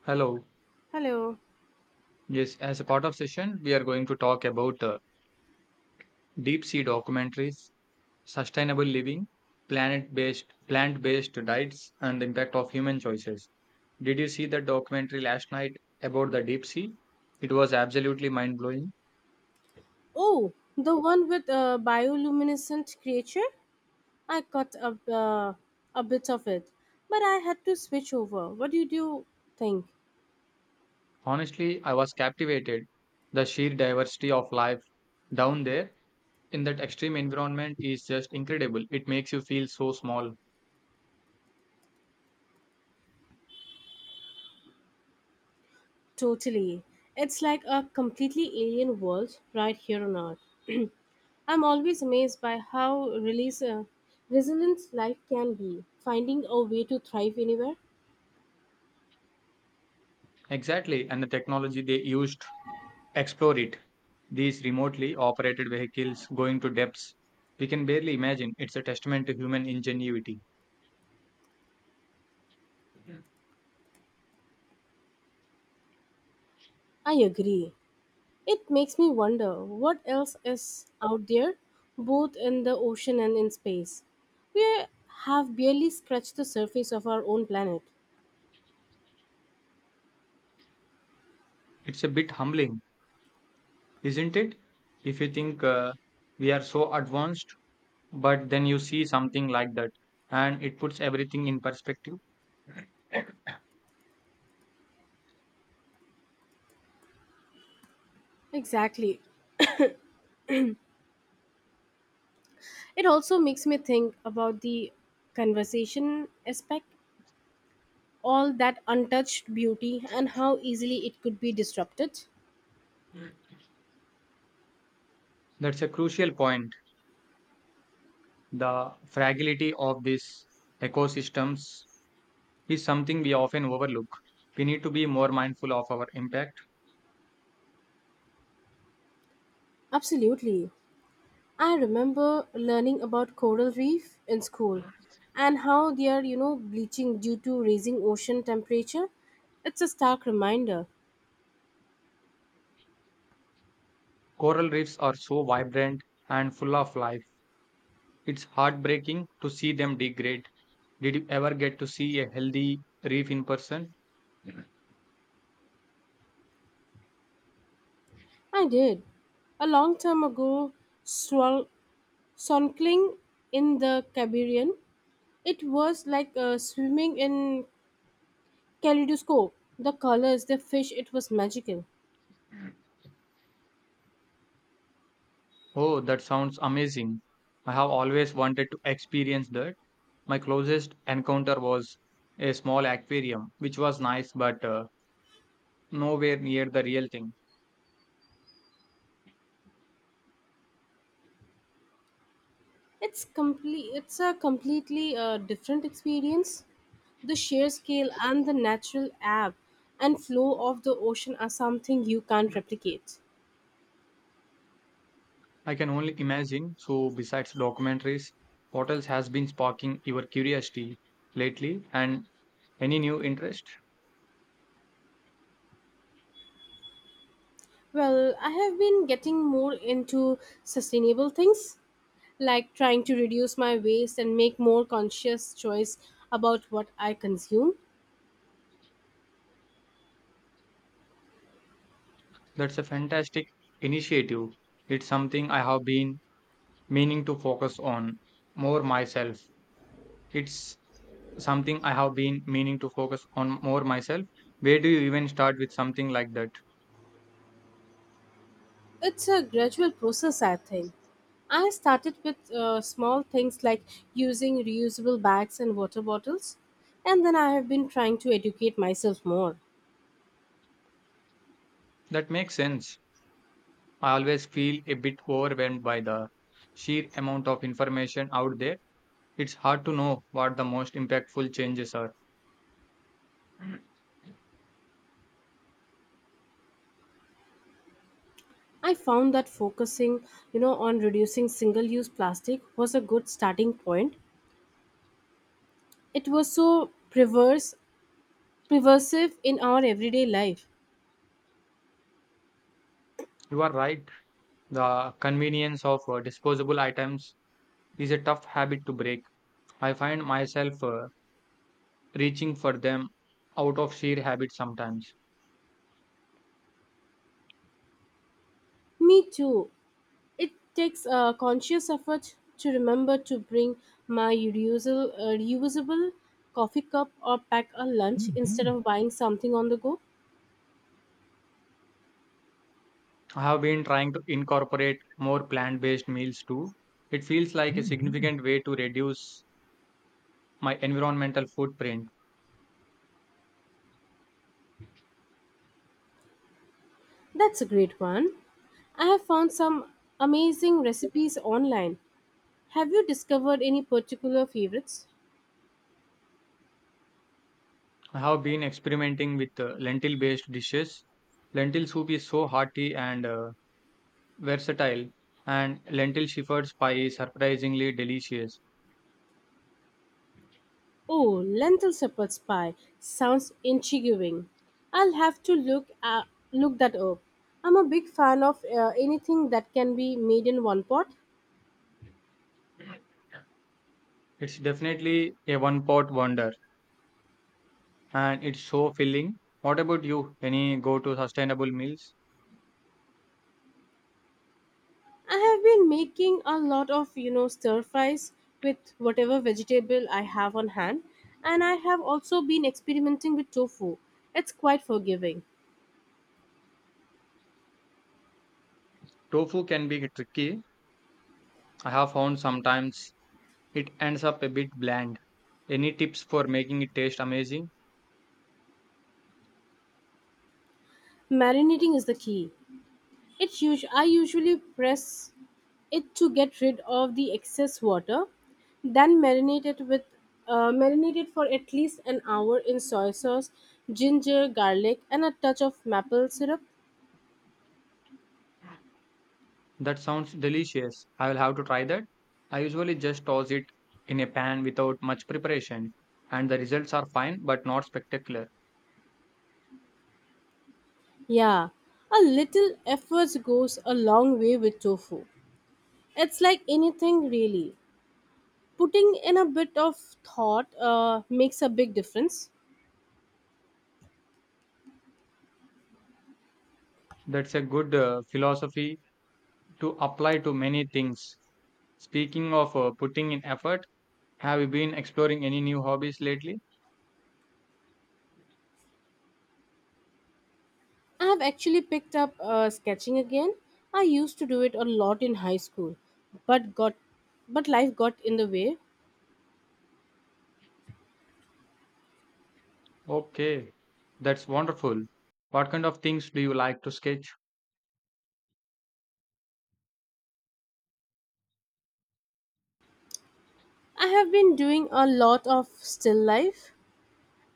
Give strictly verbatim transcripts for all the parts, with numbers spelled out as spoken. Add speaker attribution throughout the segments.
Speaker 1: Hello.
Speaker 2: Hello.
Speaker 1: Yes, as a part of session, we are going to talk about uh, deep sea documentaries, sustainable living, planet-based plant-based diets, and the impact of human choices. Did you see that documentary last night about the deep sea? It was absolutely mind-blowing.
Speaker 2: Oh, the one with a bioluminescent creature? I cut a, uh, a bit of it, but I had to switch over. What do you think?
Speaker 1: Honestly, I was captivated. The sheer diversity of life down there in that extreme environment is just incredible. It makes you feel so small.
Speaker 2: Totally. It's like a completely alien world right here on Earth. I'm always amazed by how release, uh, resilient life can be, finding a way to thrive anywhere.
Speaker 1: Exactly, and the technology they used to explore it. These remotely operated vehicles going to depths we can barely imagine. It's a testament to human ingenuity.
Speaker 2: I agree. It makes me wonder what else is out there, both in the ocean and in space. We have barely scratched the surface of our own planet.
Speaker 1: It's a bit humbling, isn't it? If you think, uh, we are so advanced, but then you see something like that and it puts everything in perspective.
Speaker 2: Exactly. It also makes me think about the conversation aspect, all that untouched beauty, and how easily it could be disrupted.
Speaker 1: That's a crucial point. The fragility of these ecosystems is something we often overlook. We need to be more mindful of our impact.
Speaker 2: Absolutely. I remember learning about coral reef in school and how they are, you know, bleaching due to raising ocean temperature. It's a stark reminder.
Speaker 1: Coral reefs are so vibrant and full of life. It's heartbreaking to see them degrade. Did you ever get to see a healthy reef in person?
Speaker 2: I did. A long time ago, swal- snorkeling in the Caribbean, it was like uh, swimming in kaleidoscope. The colors, the fish, it was magical.
Speaker 1: Oh, that sounds amazing. I have always wanted to experience that. My closest encounter was a small aquarium, which was nice but uh, nowhere near the real thing.
Speaker 2: It's complete. It's a completely uh, different experience. The sheer scale and the natural ebb and flow of the ocean are something you can't replicate.
Speaker 1: I can only imagine. So, besides documentaries, what else has been sparking your curiosity lately and any new interest?
Speaker 2: Well, I have been getting more into sustainable things, like trying to reduce my waste and make more conscious choice about what I consume.
Speaker 1: That's a fantastic initiative. It's something I have been meaning to focus on more myself. It's something I have been meaning to focus on more myself. Where do you even start with something like that?
Speaker 2: It's a gradual process, I think. I started with uh, small things like using reusable bags and water bottles, and then I have been trying to educate myself more.
Speaker 1: That makes sense. I always feel a bit overwhelmed by the sheer amount of information out there. It's hard to know what the most impactful changes are.
Speaker 2: I found that focusing, you know, on reducing single-use plastic was a good starting point. It was so perverse, pervasive in our everyday life.
Speaker 1: You are right. The convenience of uh, disposable items is a tough habit to break. I find myself uh, reaching for them out of sheer habit sometimes.
Speaker 2: Me too. It takes a conscious effort to remember to bring my reusable, uh, reusable coffee cup or pack a lunch instead of buying something on the go.
Speaker 1: I have been trying to incorporate more plant-based meals too. It feels like a significant way to reduce my environmental footprint.
Speaker 2: That's a great one. I have found some amazing recipes online. Have you discovered any particular favorites?
Speaker 1: I have been experimenting with uh, lentil-based dishes. Lentil soup is so hearty and uh, versatile, and lentil shepherd's pie is surprisingly delicious.
Speaker 2: Oh, lentil shepherd's pie sounds intriguing. I'll have to look uh, look that up. I'm a big fan of uh, anything that can be made in one pot.
Speaker 1: It's definitely a one-pot wonder, and it's so filling. What about you? Any go-to sustainable meals?
Speaker 2: I have been making a lot of, you know, stir fries with whatever vegetable I have on hand, and I have also been experimenting with tofu. It's quite forgiving.
Speaker 1: Tofu can be tricky. I have found sometimes it ends up a bit bland. Any tips for making it taste amazing?
Speaker 2: Marinating is the key. It usu- I usually press it to get rid of the excess water, then marinate it with uh, marinate it for at least an hour in soy sauce, ginger, garlic, and a touch of maple syrup.
Speaker 1: That sounds delicious. I will have to try that. I usually just toss it in a pan without much preparation, and the results are fine but not spectacular.
Speaker 2: Yeah, a little effort goes a long way with tofu. It's like anything really. Putting in a bit of thought uh, makes a big difference.
Speaker 1: That's a good uh, philosophy to apply to many things. Speaking of uh, putting in effort, have you been exploring any new hobbies lately?
Speaker 2: I have actually picked up uh, sketching again. I used to do it a lot in high school, but got but life got in the way.
Speaker 1: Okay, that's wonderful. What kind of things do you like to sketch?
Speaker 2: I have been doing a lot of still life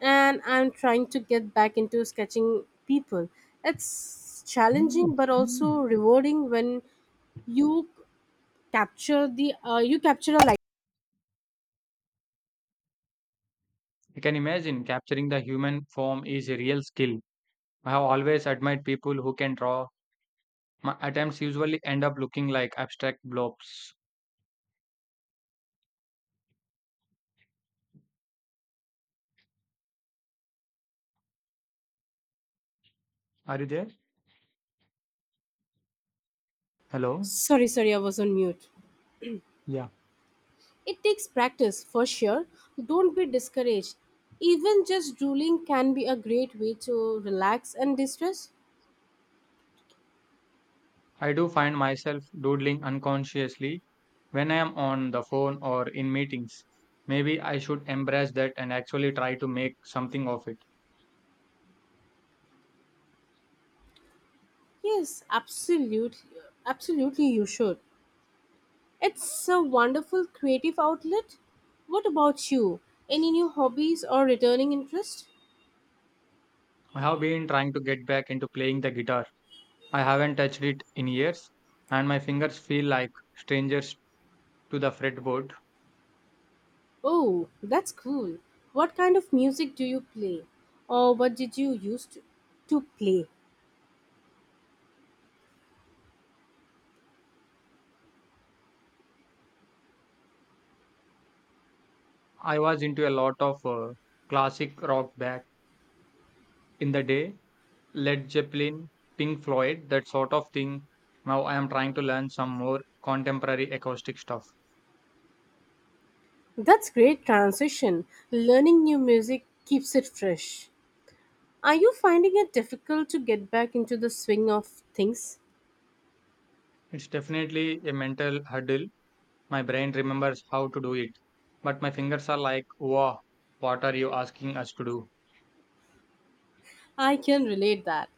Speaker 2: and I'm trying to get back into sketching people. It's challenging but also rewarding when you capture the uh, you capture a light.
Speaker 1: I can imagine capturing the human form is a real skill. I have always admired people who can draw. My attempts usually end up looking like abstract blobs. Are you there? Hello?
Speaker 2: Sorry, sorry, I was on mute.
Speaker 1: Yeah.
Speaker 2: It takes practice for sure. Don't be discouraged. Even just drooling can be a great way to relax and distress.
Speaker 1: I do find myself doodling unconsciously when I am on the phone or in meetings. Maybe I should embrace that and actually try to make something of it.
Speaker 2: Yes, absolute, absolutely you should. It's a wonderful creative outlet. What about you? Any new hobbies or returning interest?
Speaker 1: I have been trying to get back into playing the guitar. I haven't touched it in years, and my fingers feel like strangers to the fretboard.
Speaker 2: Oh, that's cool. What kind of music do you play? Or what did you used to, to play?
Speaker 1: I was into a lot of uh, classic rock back in the day, Led Zeppelin, Pink Floyd, that sort of thing. Now I am trying to learn some more contemporary acoustic stuff.
Speaker 2: That's great transition. Learning new music keeps it fresh. Are you finding it difficult to get back into the swing of things?
Speaker 1: It's definitely a mental hurdle. My brain remembers how to do it, but my fingers are like, wow, what are you asking us to do?
Speaker 2: I can relate that.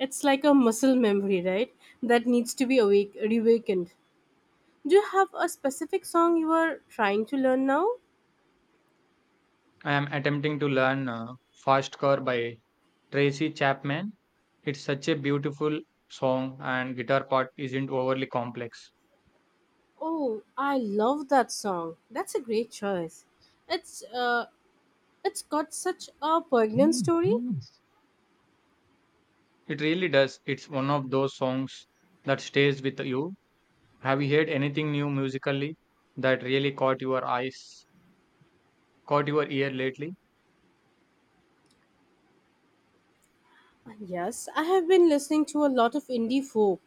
Speaker 2: It's like a muscle memory, right? That needs to be awake, reawakened. Do you have a specific song you are trying to learn now?
Speaker 1: I am attempting to learn uh, Fast Car by Tracy Chapman. It's such a beautiful song, and guitar part isn't overly complex.
Speaker 2: Oh, I love that song. That's a great choice. It's uh, it's got such a poignant story.
Speaker 1: It really does. It's one of those songs that stays with you. Have you heard anything new musically that really caught your eyes, caught your ear lately?
Speaker 2: Yes, I have been listening to a lot of indie folk.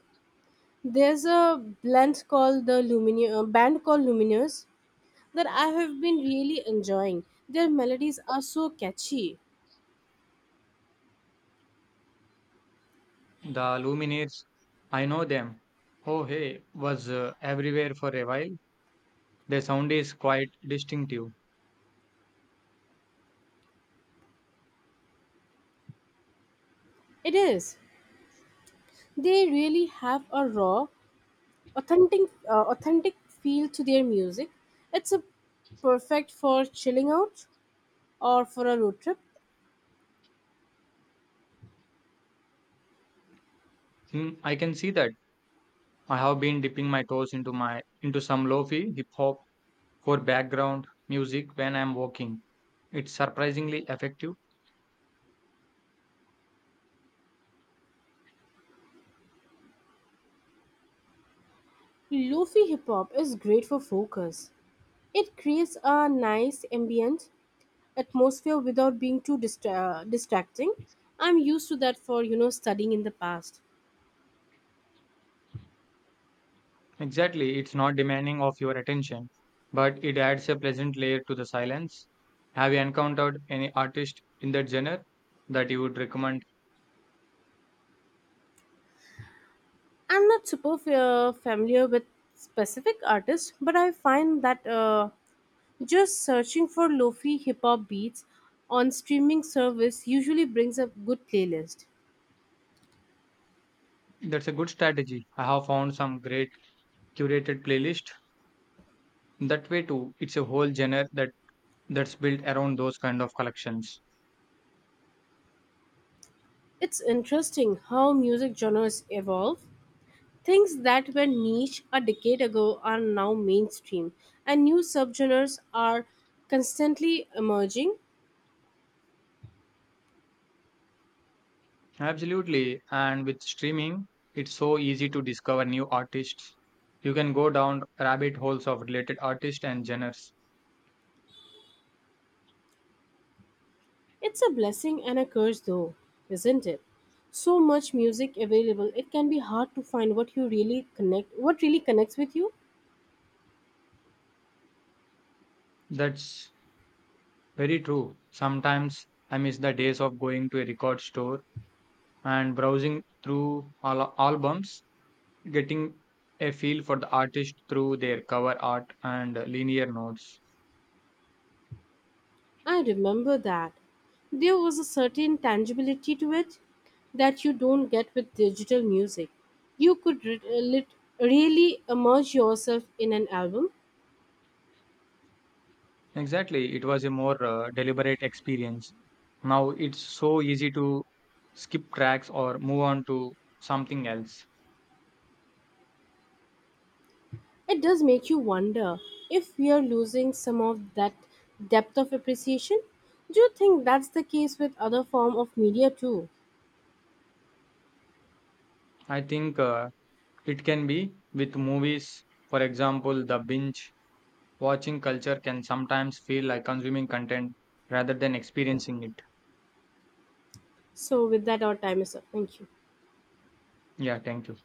Speaker 2: There's a blend called the Lumine- uh, band called Lumineers that I have been really enjoying. Their melodies are so catchy.
Speaker 1: The Lumineers, I know them. Oh hey, was uh, everywhere for a while. Their sound is quite distinctive.
Speaker 2: It is. They really have a raw, authentic, uh, authentic feel to their music. It's a perfect for chilling out or for a road trip.
Speaker 1: Hmm, I can see that. I have been dipping my toes into my into some lo-fi hip hop for background music when I'm walking. It's surprisingly effective.
Speaker 2: Lofi hip hop is great for focus. It creates a nice ambient atmosphere without being too distra- uh, distracting. I'm used to that for you know studying in the past.
Speaker 1: Exactly, it's not demanding of your attention, but it adds a pleasant layer to the silence. Have you encountered any artist in that genre that you would recommend?
Speaker 2: I'm not super fa- familiar with specific artists, but I find that uh, just searching for lofi hip hop beats on streaming service usually brings up good playlist.
Speaker 1: That's a good strategy. I have found some great curated playlist that way too. It's a whole genre that that's built around those kind of collections.
Speaker 2: It's interesting how music genres evolve. Things that were niche a decade ago are now mainstream, and new subgenres are constantly emerging.
Speaker 1: Absolutely, and with streaming, it's so easy to discover new artists. You can go down rabbit holes of related artists and genres.
Speaker 2: It's a blessing and a curse, though, isn't it? So much music available, it can be hard to find what you really connect, what really connects with you.
Speaker 1: That's very true. Sometimes I miss the days of going to a record store and browsing through all albums, getting a feel for the artist through their cover art and linear notes.
Speaker 2: I remember that. There was a certain tangibility to it that you don't get with digital music. You could re- uh, lit- really immerse yourself in an album.
Speaker 1: Exactly, it was a more uh, deliberate experience. Now it's so easy to skip tracks or move on to something else.
Speaker 2: It does make you wonder if we are losing some of that depth of appreciation. Do you think that's the case with other form of media too?
Speaker 1: I think uh, it can be with movies, for example, the binge watching culture can sometimes feel like consuming content rather than experiencing it.
Speaker 2: So, with that, our time is up. Thank you.
Speaker 1: Yeah, thank you.